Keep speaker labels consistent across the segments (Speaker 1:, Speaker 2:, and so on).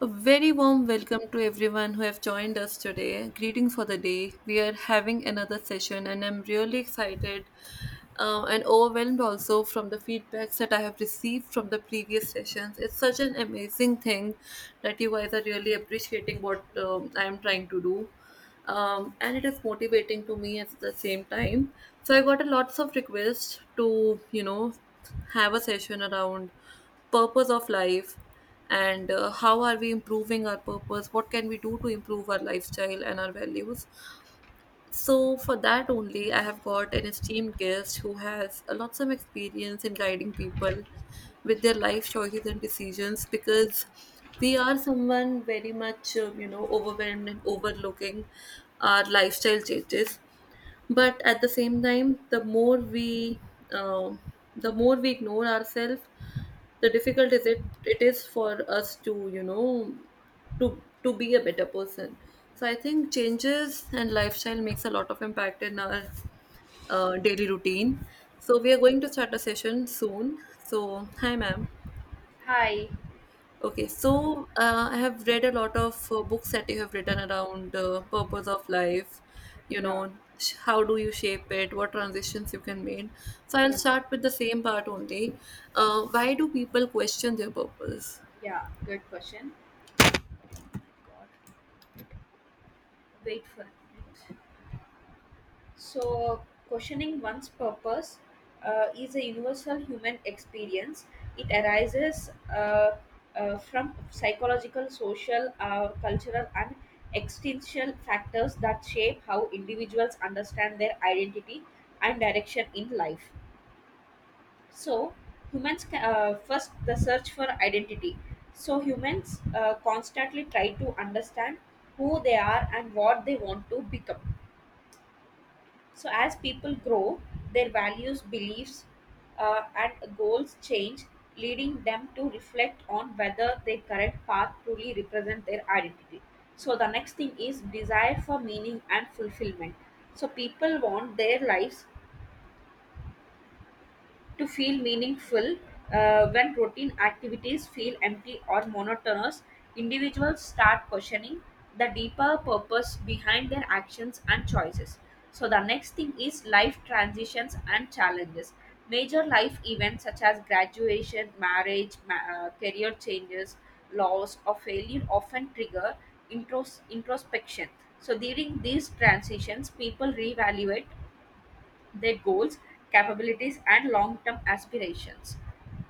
Speaker 1: A very warm welcome to everyone who have joined us today. Greeting for the day. We are having another session, and I'm really excited and overwhelmed also from the feedbacks that I have received from the previous sessions. It's such an amazing thing that you guys are really appreciating what I am trying to do, and it is motivating to me at the same time. So I got a lots of requests to have a session around purpose of life. And how are we improving our purpose, what can we do to improve our lifestyle and our values? So, for that only, I have got an esteemed guest who has a lots of experience in guiding people with their life choices and decisions, because we are someone very much, overwhelmed and overlooking our lifestyle changes. But at the same time, um the more we ignore ourselves, the difficult is it it is for us to, to be a better person. So I think changes and lifestyle makes a lot of impact in our daily routine. So we are going to start a session soon. So hi, ma'am.
Speaker 2: Hi.
Speaker 1: Okay, so I have read a lot of books that you have written around the purpose of life, you
Speaker 2: Yeah.
Speaker 1: know, how do you shape it, what transitions you can make. So I'll
Speaker 2: Yeah.
Speaker 1: start with the same part only. Why do people question their purpose?
Speaker 2: Yeah. Good question. Wait for it. So, questioning one's purpose is a universal human experience. It arises from psychological, social, cultural, and existential factors that shape how individuals understand their identity and direction in life. So humans first the search for identity. So humans constantly try to understand who they are and what they want to become. So as people grow, their values, beliefs, and goals change, leading them to reflect on whether their current path truly represents their identity. So the next thing is desire for meaning and fulfillment. So people want their lives to feel meaningful when routine activities feel empty or monotonous, individuals start questioning the deeper purpose behind their actions and choices. So the next thing is life transitions and challenges. Major life events such as graduation, marriage, career changes, loss or failure often trigger introspection. So during these transitions, people reevaluate their goals, capabilities, and long term aspirations.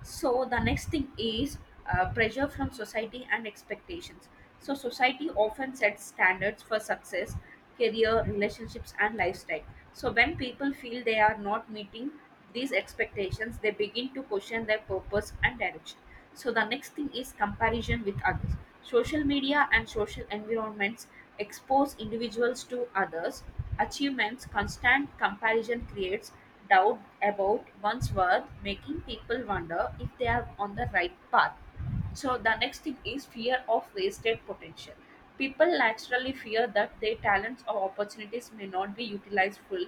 Speaker 2: So, the next thing is pressure from society and expectations. So, society often sets standards for success, career, relationships, and lifestyle. So, when people feel they are not meeting these expectations, they begin to question their purpose and direction. So the next thing is comparison with others. Social media and social environments expose individuals to others' achievements. Constant comparison creates doubt about one's worth, making people wonder if they are on the right path. So the next thing is fear of wasted potential. People naturally fear that their talents or opportunities may not be utilized full.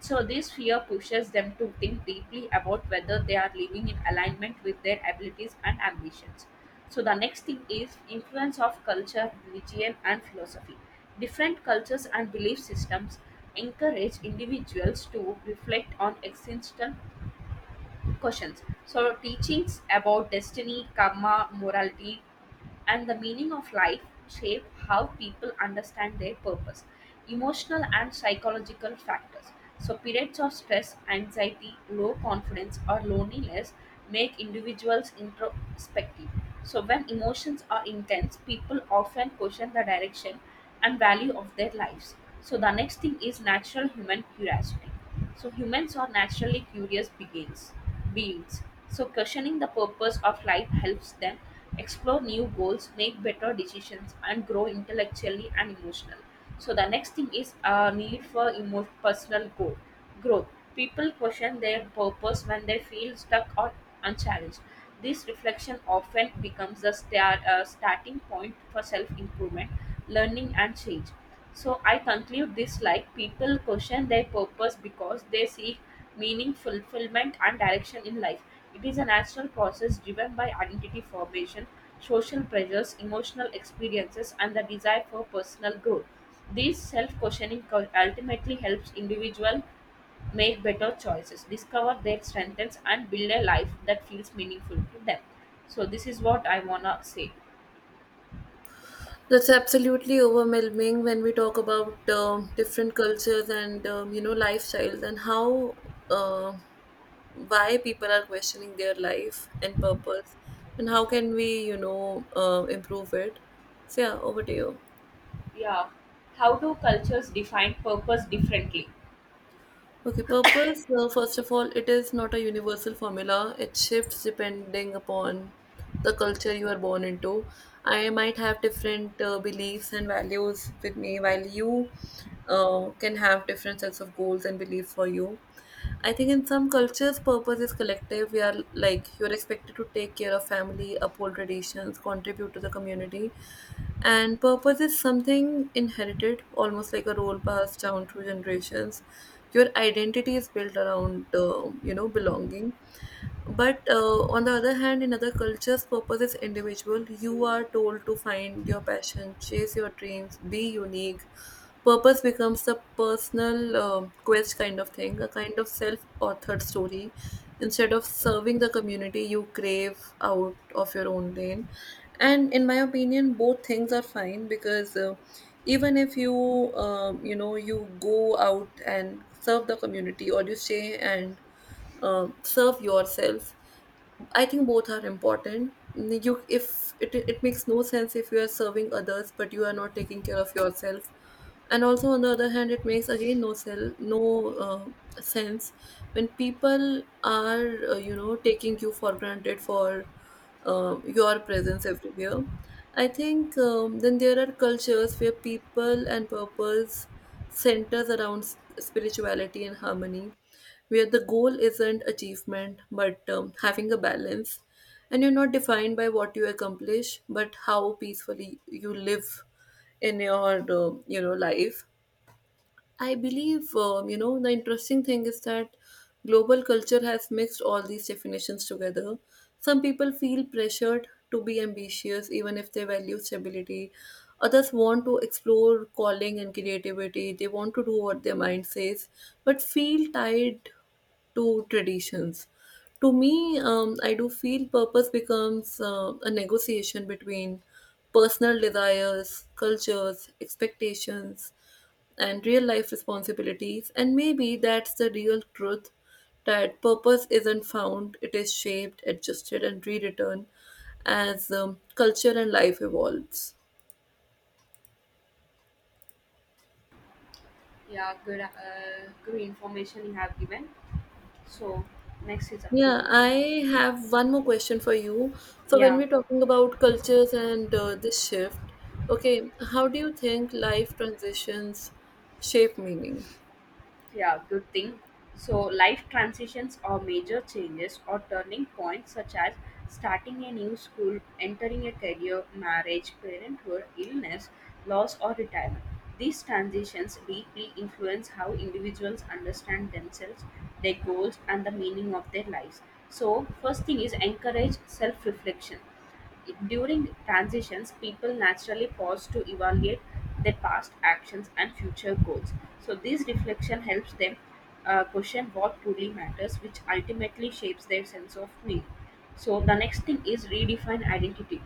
Speaker 2: So this fear pushes them to think deeply about whether they are living in alignment with their abilities and ambitions. So the next thing is influence of culture, religion and philosophy. Different cultures and belief systems encourage individuals to reflect on existential questions. So, teachings about destiny, karma, morality, and the meaning of life shape how people understand their purpose, emotional and psychological factors. So, periods of stress, anxiety, low confidence, or loneliness make individuals introspective. So, when emotions are intense, people often question the direction and value of their lives. So, the next thing is natural human curiosity. So humans are naturally curious beings. So questioning the purpose of life helps them explore new goals, make better decisions, and grow intellectually and emotionally. So the next thing is a need for personal growth. Growth. People question their purpose when they feel stuck or unchallenged. This reflection often becomes the starting point for self improvement, learning, and change. So I conclude this like people question their purpose because they seek meaning, fulfillment, and direction in life. It is a natural process driven by identity formation, social pressures, emotional experiences, and the desire for personal growth. This self questioning ultimately helps individual make better choices, discover their strengths, and build a life that feels meaningful to them. So, this is what I wanna say.
Speaker 1: That's absolutely overwhelming when we talk about different cultures and, lifestyles and how, uh, why people are questioning their life and purpose and how can we, improve it. So yeah, over to you.
Speaker 2: Yeah. How do cultures define purpose differently?
Speaker 1: Okay, purpose, first of all, it is not a universal formula. It shifts depending upon the culture you are born into. I might have different beliefs and values with me, while you can have different sets of goals and beliefs for you. I think in some cultures, purpose is collective. We are like, you're expected to take care of family, uphold traditions, contribute to the community. And purpose is something inherited, almost like a role passed down through generations. Your identity is built around, belonging. But on the other hand, in other cultures, purpose is individual. You are told to find your passion, chase your dreams, be unique. Purpose becomes a personal quest kind of thing, a kind of self authored story. Instead of serving the community, you crave out of your own lane. And in my opinion, both things are fine, because even if you, you go out and serve the community, or you stay and, serve yourself, I think both are important. You if it makes no sense if you are serving others but you are not taking care of yourself. And also on the other hand it makes again no sense when people are, taking you for granted for your presence everywhere. I think, then there are cultures where people and purpose centers around spirituality and harmony, where the goal isn't achievement but having a balance, and you're not defined by what you accomplish but how peacefully you live in your life. I believe, the interesting thing is that global culture has mixed all these definitions together. Some people feel pressured to be ambitious even if they value stability. Others want to explore calling and creativity. They want to do what their mind says, but feel tied to traditions. To me, I do feel purpose becomes a negotiation between personal desires, cultures, expectations, and real life responsibilities, and maybe that's the real truth, that purpose isn't found, it is shaped, adjusted, and rewritten as, culture and life evolves.
Speaker 2: Yeah, good information you have given. So next is up to
Speaker 1: Yeah,
Speaker 2: you.
Speaker 1: I have one more question for you. So, when
Speaker 2: Yeah,
Speaker 1: we're talking about cultures and, this shift, okay, how do you think life transitions shape meaning?
Speaker 2: yeah, good thing. So life transitions or major changes or turning points such as starting a new school, entering a career, marriage, parenthood, illness, loss or retirement. These transitions deeply influence how individuals understand themselves, their goals and the meaning of their lives. So first thing is encourage self-reflection. During transitions, people naturally pause to evaluate their past actions and future goals. So, this reflection helps them question what truly matters, which ultimately shapes their sense of meaning. So, the next thing is redefine identity.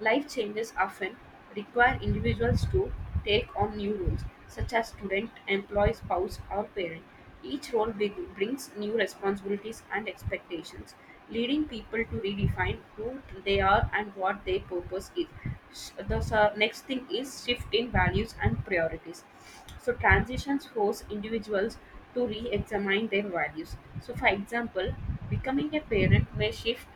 Speaker 2: Life changes often require individuals to take on new roles, such as student, employee, spouse, or parent. Each role brings new responsibilities and expectations, leading people to redefine who they are and what their purpose is. The next thing is shift in values and priorities. So transitions force individuals to re-examine their values. So for example, becoming a parent may shift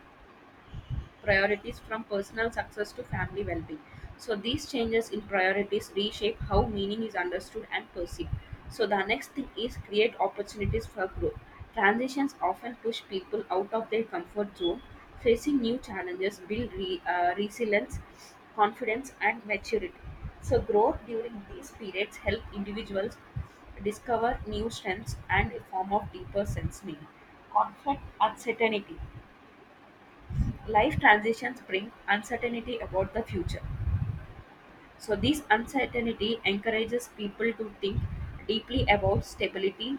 Speaker 2: priorities from personal success to family well-being. So these changes in priorities reshape how meaning is understood and perceived. So the next thing is create opportunities for growth. Transitions often push people out of their comfort zone. Facing new challenges build resilience, confidence and maturity. So growth during these periods help individuals discover new strengths and a form of deeper sense meaning. Conflict, uncertainty. Life transitions bring uncertainty about the future. So, this uncertainty encourages people to think deeply about stability,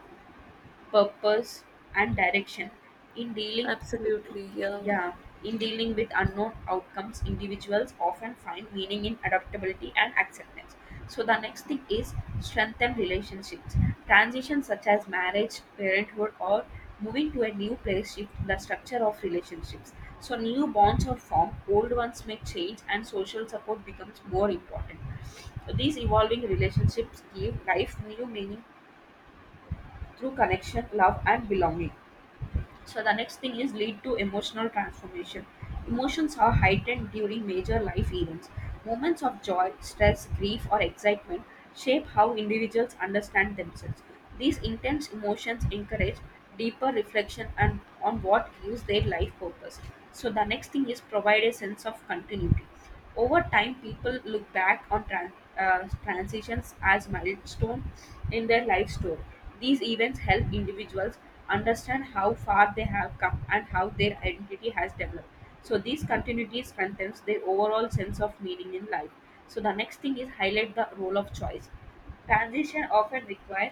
Speaker 2: purpose and direction in dealing,
Speaker 1: Absolutely, yeah.
Speaker 2: yeah, in dealing with unknown outcomes, individuals often find meaning in adaptability and acceptance. So the next thing is strengthen relationships. Transitions such as marriage, parenthood or moving to a new place shift the structure of relationships. So new bonds are formed, old ones may change, and social support becomes more important. These evolving relationships give life new meaning through connection, love and belonging. So the next thing is lead to emotional transformation. Emotions are heightened during major life events. Moments of joy, stress, grief, or excitement shape how individuals understand themselves. These intense emotions encourage deeper reflection and on what gives their life purpose. So the next thing is provide a sense of continuity. Over time, people look back on transitions as milestone in their life story. These events help individuals understand how far they have come and how their identity has developed. So these continuities strengthens their overall sense of meaning in life. So the next thing is highlight the role of choice. Transition often require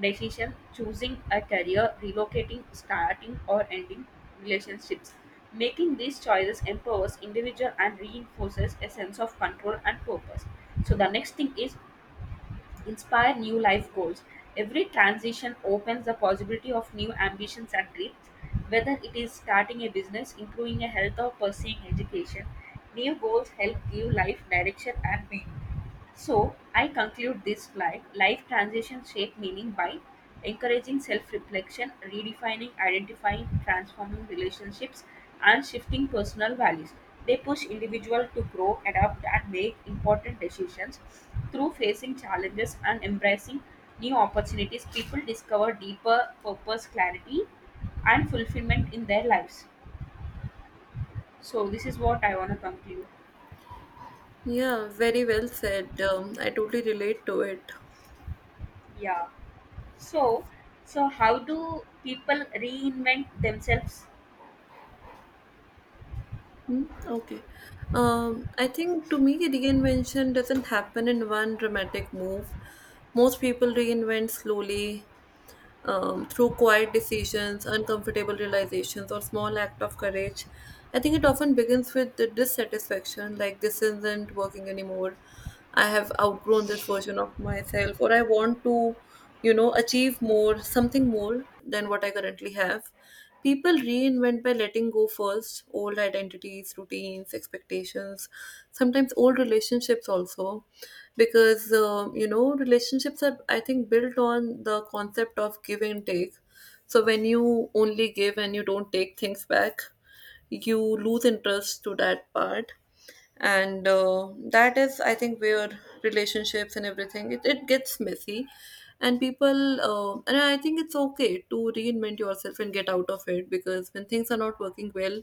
Speaker 2: decision, choosing a career, relocating, starting or ending relationships. Making these choices empowers individual and reinforces a sense of control and purpose. So the next thing is inspire new life goals. Every transition opens the possibility of new ambitions and dreams. Whether it is starting a business, improving a health or pursuing education, new goals help give life direction and meaning. So I conclude this slide. Life transitions shape meaning by encouraging self-reflection, redefining, identifying, transforming relationships, and shifting personal values. They push individuals to grow, adapt, and make important decisions through facing challenges and embracing new opportunities. People discover deeper purpose, clarity, and fulfillment in their lives. So this is what I want to conclude.
Speaker 1: Yeah, very well said. I totally relate to it.
Speaker 2: Yeah. So, so, how do people reinvent themselves?
Speaker 1: Hmm. Okay. I think to me, reinvention doesn't happen in one dramatic move. Most people reinvent slowly, through quiet decisions, uncomfortable realizations, or small act of courage. I think it often begins with the dissatisfaction, like this isn't working anymore. I have outgrown this version of myself, or I want to, you know, achieve more, something more than what I currently have. People reinvent by letting go first, old identities, routines, expectations, sometimes old relationships also, because, you know, relationships are I think built on the concept of give and take. So when you only give and you don't take things back, you lose interest to that part, and that is I think where relationships and everything it gets messy. And people, and I think it's okay to reinvent yourself and get out of it, because when things are not working well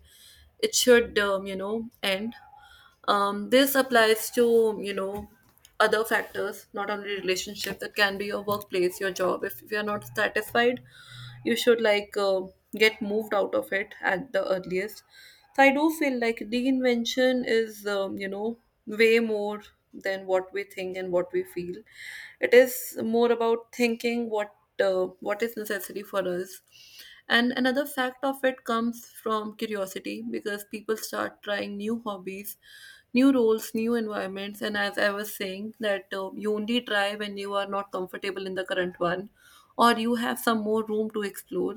Speaker 1: it should, end. This applies to, other factors, not only relationships. It can be your workplace, your job. If you're not satisfied you should like, get moved out of it at the earliest. So I do feel like reinvention is, way more than what we think and what we feel. It is more about thinking what, what is necessary for us. And another fact of it comes from curiosity, because people start trying new hobbies, new roles, new environments. And as I was saying, that you only try when you are not comfortable in the current one, or you have some more room to explore.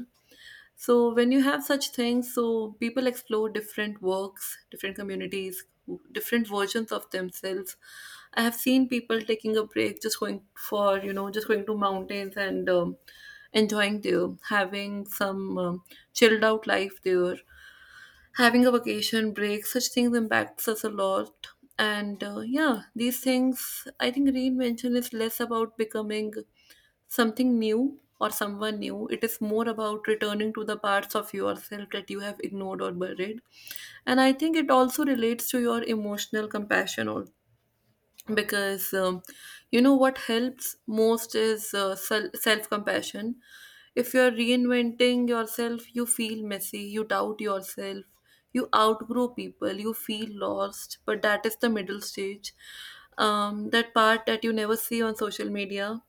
Speaker 1: So when you have such things, so people explore different works, different communities, different versions of themselves. I have seen people taking a break, just going for, just going to mountains and, enjoying there, having some, chilled out life there, having a vacation break. Such things impacts us a lot, and yeah, these things. I think reinvention is less about becoming something new or someone new. It is more about returning to the parts of yourself that you have ignored or buried. And I think it also relates to your emotional compassion, or because, you know what helps most is self compassion. If you're reinventing yourself, you feel messy, you doubt yourself, you outgrow people, you feel lost, but that is the middle stage. That part that you never see on social media.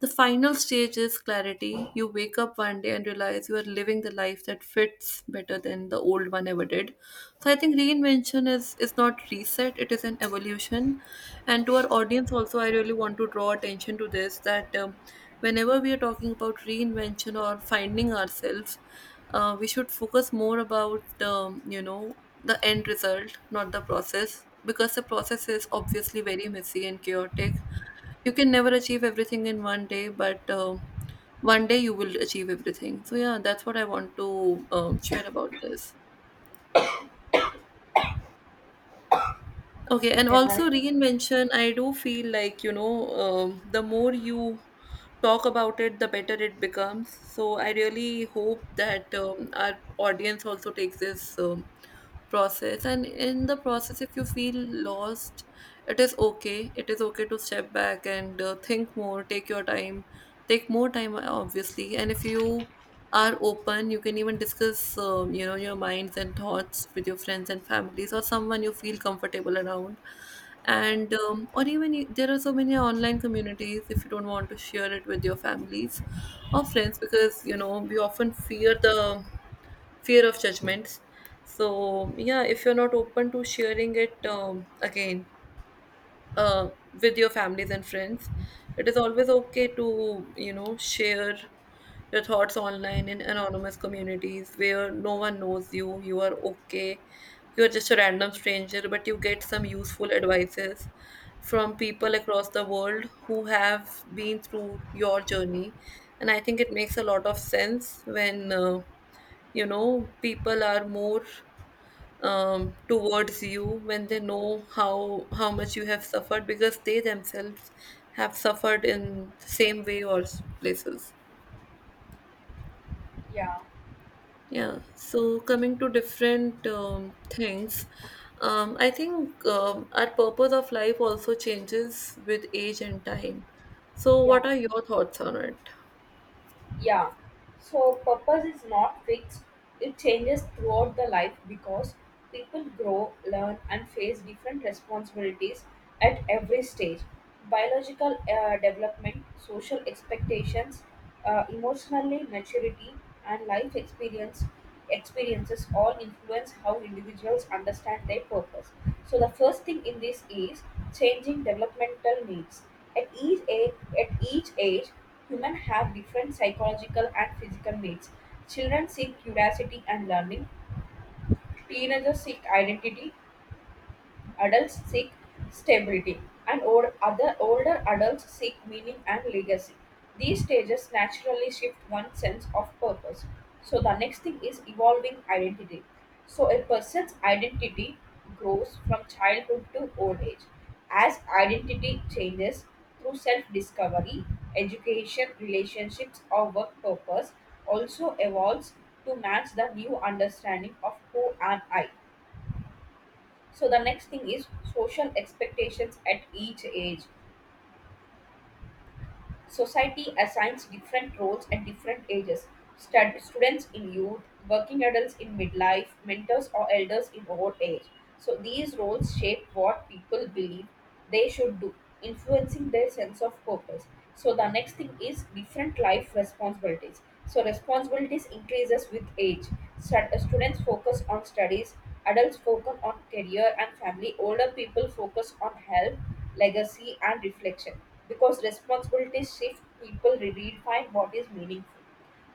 Speaker 1: The final stage is clarity. You wake up one day and realize you are living the life that fits better than the old one ever did. So I think reinvention is not reset, it is an evolution. And to our audience also I really want to draw attention to this, that, whenever we are talking about reinvention or finding ourselves, we should focus more about, the end result, not the process, because the process is obviously very messy and chaotic. You can never achieve everything in one day, but one day you will achieve everything. So yeah, that's what I want to, share about this. Okay, and
Speaker 2: Okay, right.
Speaker 1: also reinvention I do feel like, the more you talk about it the better it becomes. So I really hope that, our audience also takes this, process. And in the process if you feel lost, it is okay. It is okay to step back and, think more, take your time, take more time, obviously. And if you are open you can even discuss, your minds and thoughts with your friends and families, or someone you feel comfortable around.
Speaker 2: Yeah,
Speaker 1: And, or even there are so many online communities if you don't want to share it with your families or friends, because you know we often fear the fear of judgments. So yeah, if you're not open to sharing it, again, with your families and friends, it is always okay to, share your thoughts online in anonymous communities where no one knows you, you are okay, you are just a random stranger, but you get some useful advices from people across the world who have been through your journey. And I think it makes a lot of sense when, people are more, towards you when they know how much you have suffered, because they themselves have suffered in same way or places,
Speaker 2: yeah.
Speaker 1: yeah.
Speaker 2: So,
Speaker 1: So coming to different, things, I think, our purpose of life also changes with age and time. So
Speaker 2: yeah.
Speaker 1: what are your thoughts on it?
Speaker 2: Yeah, so purpose is not fixed, it changes throughout the life because people grow, learn, and face different responsibilities at every stage. Biological development, social expectations, emotionally maturity, and life experiences all influence how individuals understand their purpose. So the first thing in this is changing developmental needs. At each age, humans have different psychological and physical needs. Children seek curiosity and learning. Teenagers seek identity. Adults seek stability, and older adults seek meaning and legacy. These stages naturally shift one's sense of purpose. So the next thing is evolving identity. So a person's identity grows from childhood to old age. As identity changes through self-discovery, education, relationships, or work, purpose also evolves to match the new understanding of who am I. So the next thing is social expectations at each age. Society assigns different roles at different ages. Students in youth, working adults in midlife, mentors or elders in old age. So these roles shape what people believe they should do, influencing their sense of purpose. So the next thing is different life responsibilities. So responsibilities increases with age. Students focus on studies. Adults focus on career and family, older people focus on health, legacy, and reflection. Because responsibilities shift, people redefine what is meaningful.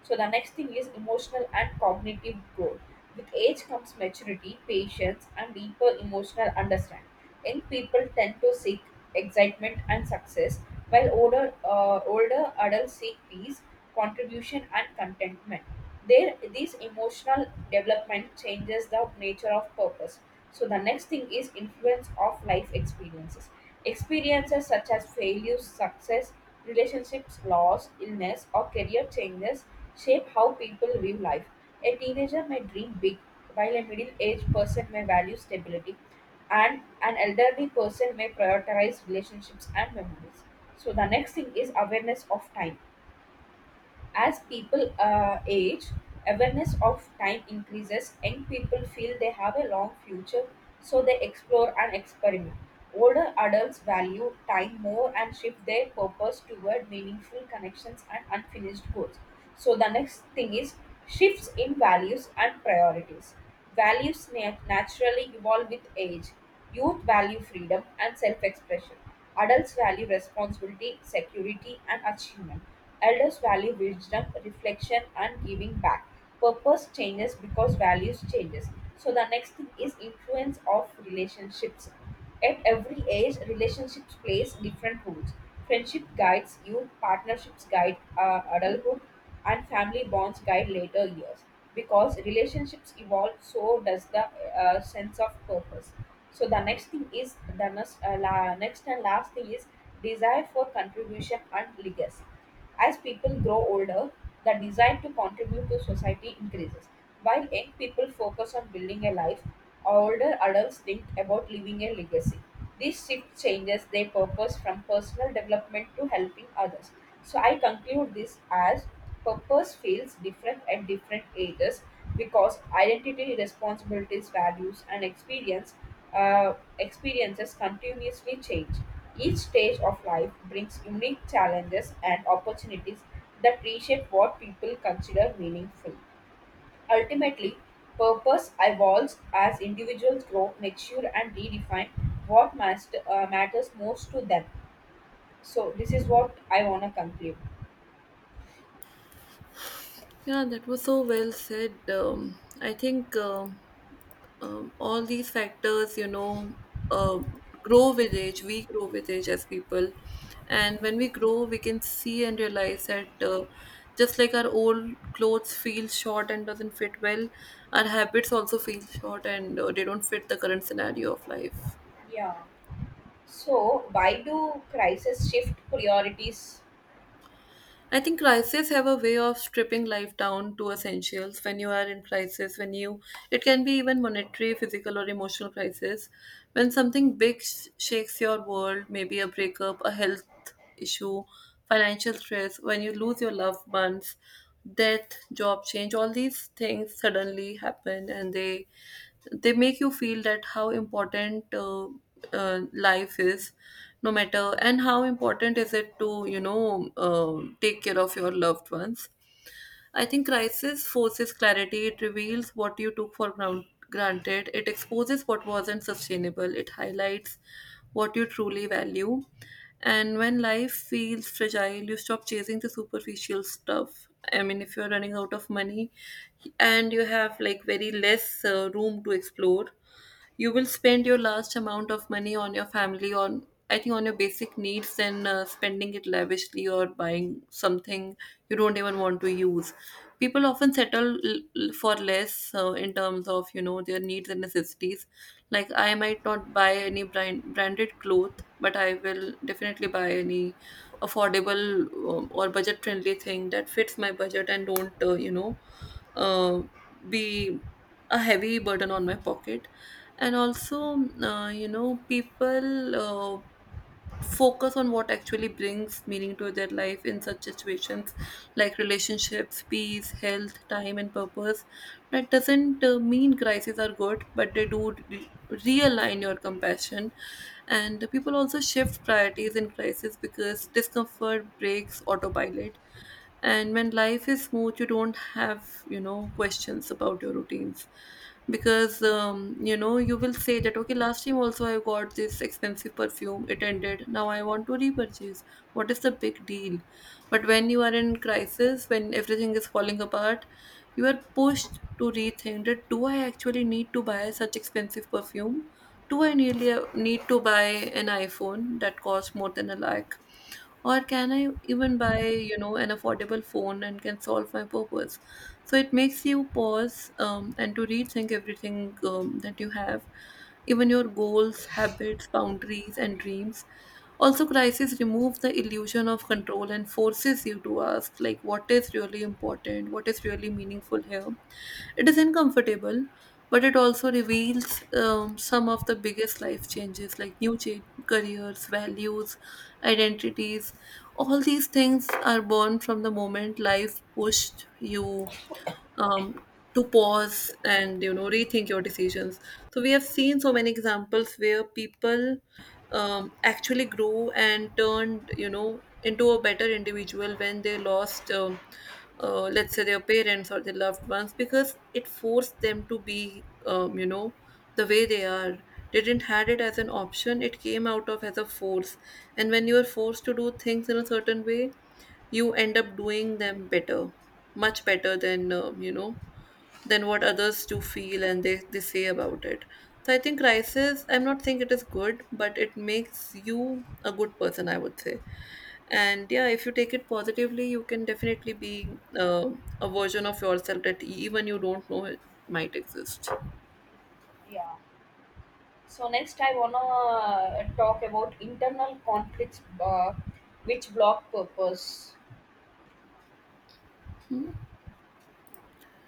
Speaker 2: So the next thing is emotional and cognitive growth. With age comes maturity, patience, and deeper emotional understanding. Young people tend to seek excitement and success, while older adults seek peace, contribution, and contentment. There, this emotional development changes the nature of purpose. So the next thing is influence of life experiences. Experiences such as failures, success, relationships, loss, illness or career changes shape how people view life. A teenager may dream big, while a middle-aged person may value stability, and an elderly person may prioritize relationships and memories. So the next thing is awareness of time. As people age, awareness of time increases. Young people feel they have a long future, so they explore and experiment. Older adults value time more and shift their purpose toward meaningful connections and unfinished goals. So, the next thing is shifts in values and priorities. Values naturally evolve with age. Youth value freedom and self expression. Adults value responsibility, security, and achievement. Elders value wisdom, reflection, and giving back. Purpose changes because values changes. So the next thing is influence of relationships. At every age, relationships plays different roles. Friendship guides youth, partnerships guide adulthood, and family bonds guide later years. Because relationships evolve, so does the sense of purpose. So the next thing is next and last thing is desire for contribution and legacy. As people grow older, the desire to contribute to society increases. While young people focus on building a life, older adults think about leaving a legacy. This shift changes their purpose from personal development to helping others. So I conclude this as purpose feels different at different ages because identity, responsibilities, values, and uh, experiences continuously change. Each stage of life brings unique challenges and opportunities that reshape what people consider meaningful. Ultimately, purpose evolves as individuals grow, mature, and redefine what matters most to them. So this is what I wanna conclude.
Speaker 1: Yeah, that was so well said. I think, all these factors, uh, grow with age, we grow with age as people. And when we grow we can see and realize That just like our old clothes feel short and doesn't fit well, our habits also feel short and they don't fit the current scenario of life.
Speaker 2: Yeah. So why do crises shift priorities?
Speaker 1: I think crises have a way of stripping life down to essentials. When you are in crisis, it can be even monetary, physical, or emotional crisis. When something big shakes your world, maybe a breakup, a health issue, financial stress, when you lose your loved ones, death, job change, all these things suddenly happen and they make you feel that how important life is, no matter, and how important is it to, take care of your loved ones. I think crisis forces clarity. It reveals what you took for granted. It exposes what wasn't sustainable. It highlights what you truly value. And when life feels fragile, you stop chasing the superficial stuff. I mean, if you're running out of money and you have like very less room to explore, you will spend your last amount of money on your family on I think on your basic needs, and spending it lavishly or buying something you don't even want to use. People often settle for less in terms of, you know, their needs and necessities. Like I might not buy any branded cloth, but I will definitely buy any affordable, or budget friendly thing that fits my budget and don't, you know, uh, be a heavy burden on my pocket. And also, you know, people focus on what actually brings meaning to their life in such situations, like relationships, peace, health, time, and purpose. That doesn't mean crises are good, but they do realign your compassion. And people also shift priorities in crisis because discomfort breaks autopilot. And when life is smooth, you don't have, you know, questions about your routines, because you know, you will say that okay, last time also I got this expensive perfume, it ended, now I want to repurchase. What is the big deal? But when you are in crisis, when everything is falling apart, you are pushed to rethink that, do I actually need to buy such expensive perfume? Do I really need to buy an iphone that costs more than a lakh? Or can I even buy, you know, an affordable phone and can solve my purpose? So it makes you pause and to rethink everything that you have, even your goals, habits, boundaries, and dreams. Also, crisis removes the illusion of control and forces you to ask, like, what is really important, what is really meaningful here. It is uncomfortable, but it also reveals some of the biggest life changes, like new careers, values, identities. All these things are born from the moment life pushed you um, to pause and, you know, rethink your decisions. So we have seen so many examples where people actually grew and turned, you know, into a better individual when they lost, let's say, their parents or their loved ones, because it forced them to be, you know, the way they are. They didn't had it as an option, it came out of as a force. And when you are forced to do things in a certain way, you end up doing them better, much better than, you know, than what others do feel and they say about it. So I think crisis, I'm not saying it is good, but it makes you a good person, I would say. And yeah, if you take it positively, you can definitely be a version of yourself that even you don't know it might exist.
Speaker 2: Yeah. So next I wanna talk about internal conflicts which block purpose.
Speaker 1: Hmm?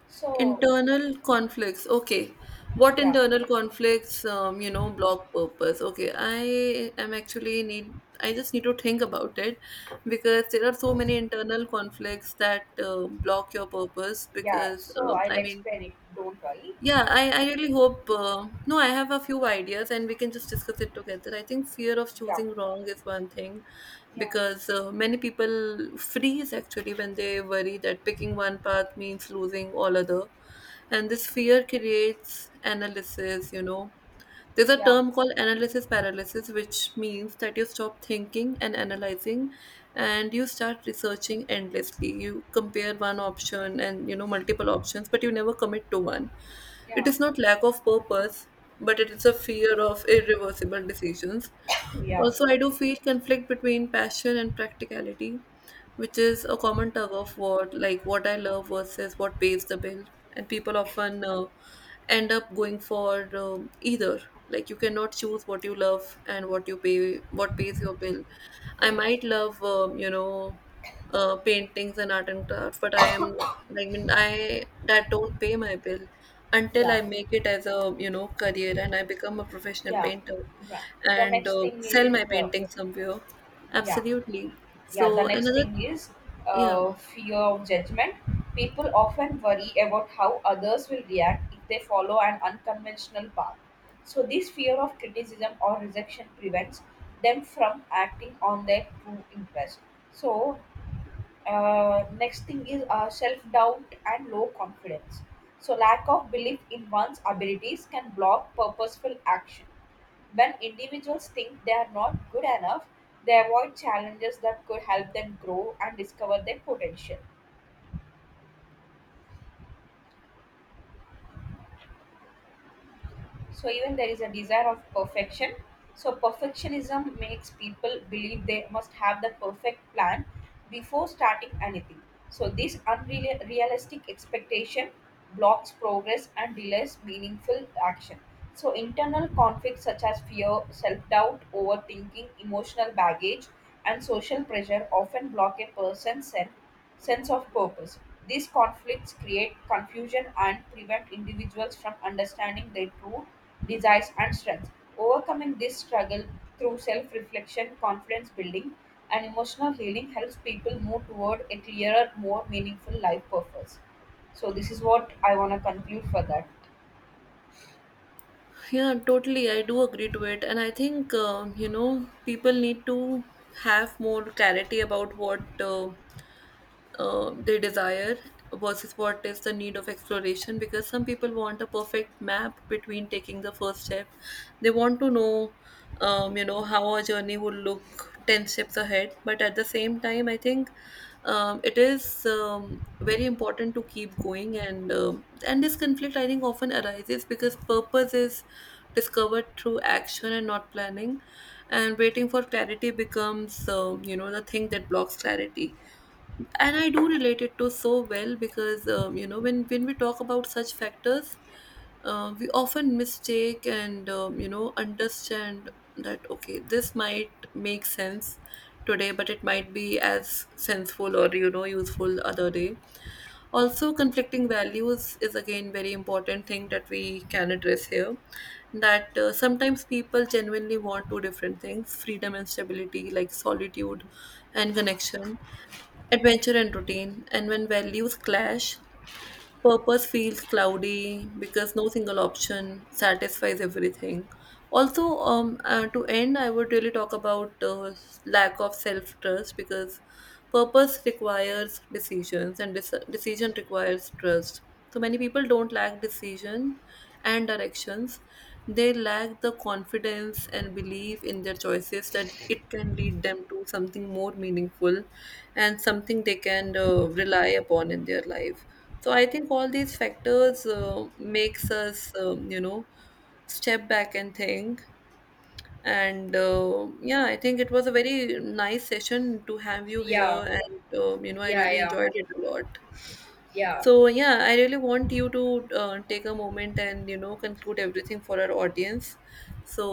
Speaker 2: So.
Speaker 1: Internal conflicts. Okay. What
Speaker 2: Yeah,
Speaker 1: internal conflicts, you know, block purpose? Okay, I am actually need, I just need to think about it, because there are so many internal conflicts that block your purpose.
Speaker 2: yeah,
Speaker 1: Because,
Speaker 2: so
Speaker 1: um,
Speaker 2: I'll
Speaker 1: I mean,
Speaker 2: explain it. Don't worry.
Speaker 1: yeah, I really hope. No, I have a few ideas and we can just discuss it together. I think fear of
Speaker 2: Yeah.
Speaker 1: choosing wrong is one thing,
Speaker 2: Yeah.
Speaker 1: because many people freeze actually when they worry that picking one path means losing all other. And this fear creates analysis, you know, there's a
Speaker 2: Yeah.
Speaker 1: term called analysis paralysis, which means that you stop thinking and analyzing, and you start researching endlessly. You compare one option and, you know, multiple options, but you never commit to one. It
Speaker 2: Yeah.
Speaker 1: is not lack of purpose, but it is a fear of irreversible decisions.
Speaker 2: Yeah.
Speaker 1: Also, I do feel conflict between passion and practicality, which is a common tug of war, like what I love versus what pays the bill. And people often end up going for, either, like, you cannot choose what you love and what pays your bill. I might love, you know, paintings and art and crafts, but I am, like, I mean, I that don't pay my bill until I
Speaker 2: Yeah.
Speaker 1: make it as a, you know, career and I become a professional
Speaker 2: Yeah.
Speaker 1: painter
Speaker 2: Yeah. The
Speaker 1: and
Speaker 2: next thing
Speaker 1: sell
Speaker 2: is
Speaker 1: my painting somewhere.
Speaker 2: Yeah,
Speaker 1: Absolutely.
Speaker 2: yeah, the
Speaker 1: So
Speaker 2: next
Speaker 1: another.
Speaker 2: thing is
Speaker 1: Yeah.
Speaker 2: fear of judgment. People often worry about how others will react if they follow an unconventional path. So this fear of criticism or rejection prevents them from acting on their true interest. So next thing is self-doubt and low confidence. So lack of belief in one's abilities can block purposeful action. When individuals think they are not good enough, they avoid challenges that could help them grow and discover their potential. So even there is a desire of perfection. So perfectionism makes people believe they must have the perfect plan before starting anything. So this unrealistic expectation blocks progress and delays meaningful action. So internal conflicts such as fear, self-doubt, overthinking, emotional baggage and social pressure often block a person's self sense of purpose. These conflicts create confusion and prevent individuals from understanding their true desires and strengths. Overcoming this struggle through self reflection, confidence building, and emotional healing helps people move toward a clearer, more meaningful life purpose. So, this is what I want to conclude for that.
Speaker 1: Yeah, totally. I do agree to it. And I think, you know, people need to have more clarity about what they desire versus what is the need of exploration, because some people want a perfect map between taking the first step. They want to know, you know, how a journey would look 10 steps ahead, but at the same time I think it is very important to keep going and this conflict I think often arises because purpose is discovered through action and not planning. And waiting for clarity becomes, you know, the thing that blocks clarity. And I do relate it to so well, because you know, when we talk about such factors, we often mistake and, you know, understand that okay, this might make sense today, but it might be as sensible or, you know, useful other day. Also, conflicting values is again very important thing that we can address here, that sometimes people genuinely want two different things: freedom and stability, like solitude and connection, adventure and routine. And when values clash, purpose feels cloudy because no single option satisfies everything. Also, to end, I would really talk about lack of self trust, because purpose requires decisions and decision requires trust. So many people don't lack decision and directions. They lack the confidence and belief in their choices that it can lead them to something more meaningful and something they can rely upon in their life. So I think all these factors makes us, you know, step back and think. And yeah, I think it was a very nice session to have
Speaker 2: So.
Speaker 1: you here,
Speaker 2: Yeah,
Speaker 1: and, you know, I
Speaker 2: yeah,
Speaker 1: really
Speaker 2: yeah,
Speaker 1: enjoyed it a lot.
Speaker 2: yeah.
Speaker 1: So yeah, I really want you to take a moment and, you know, conclude everything for our audience. So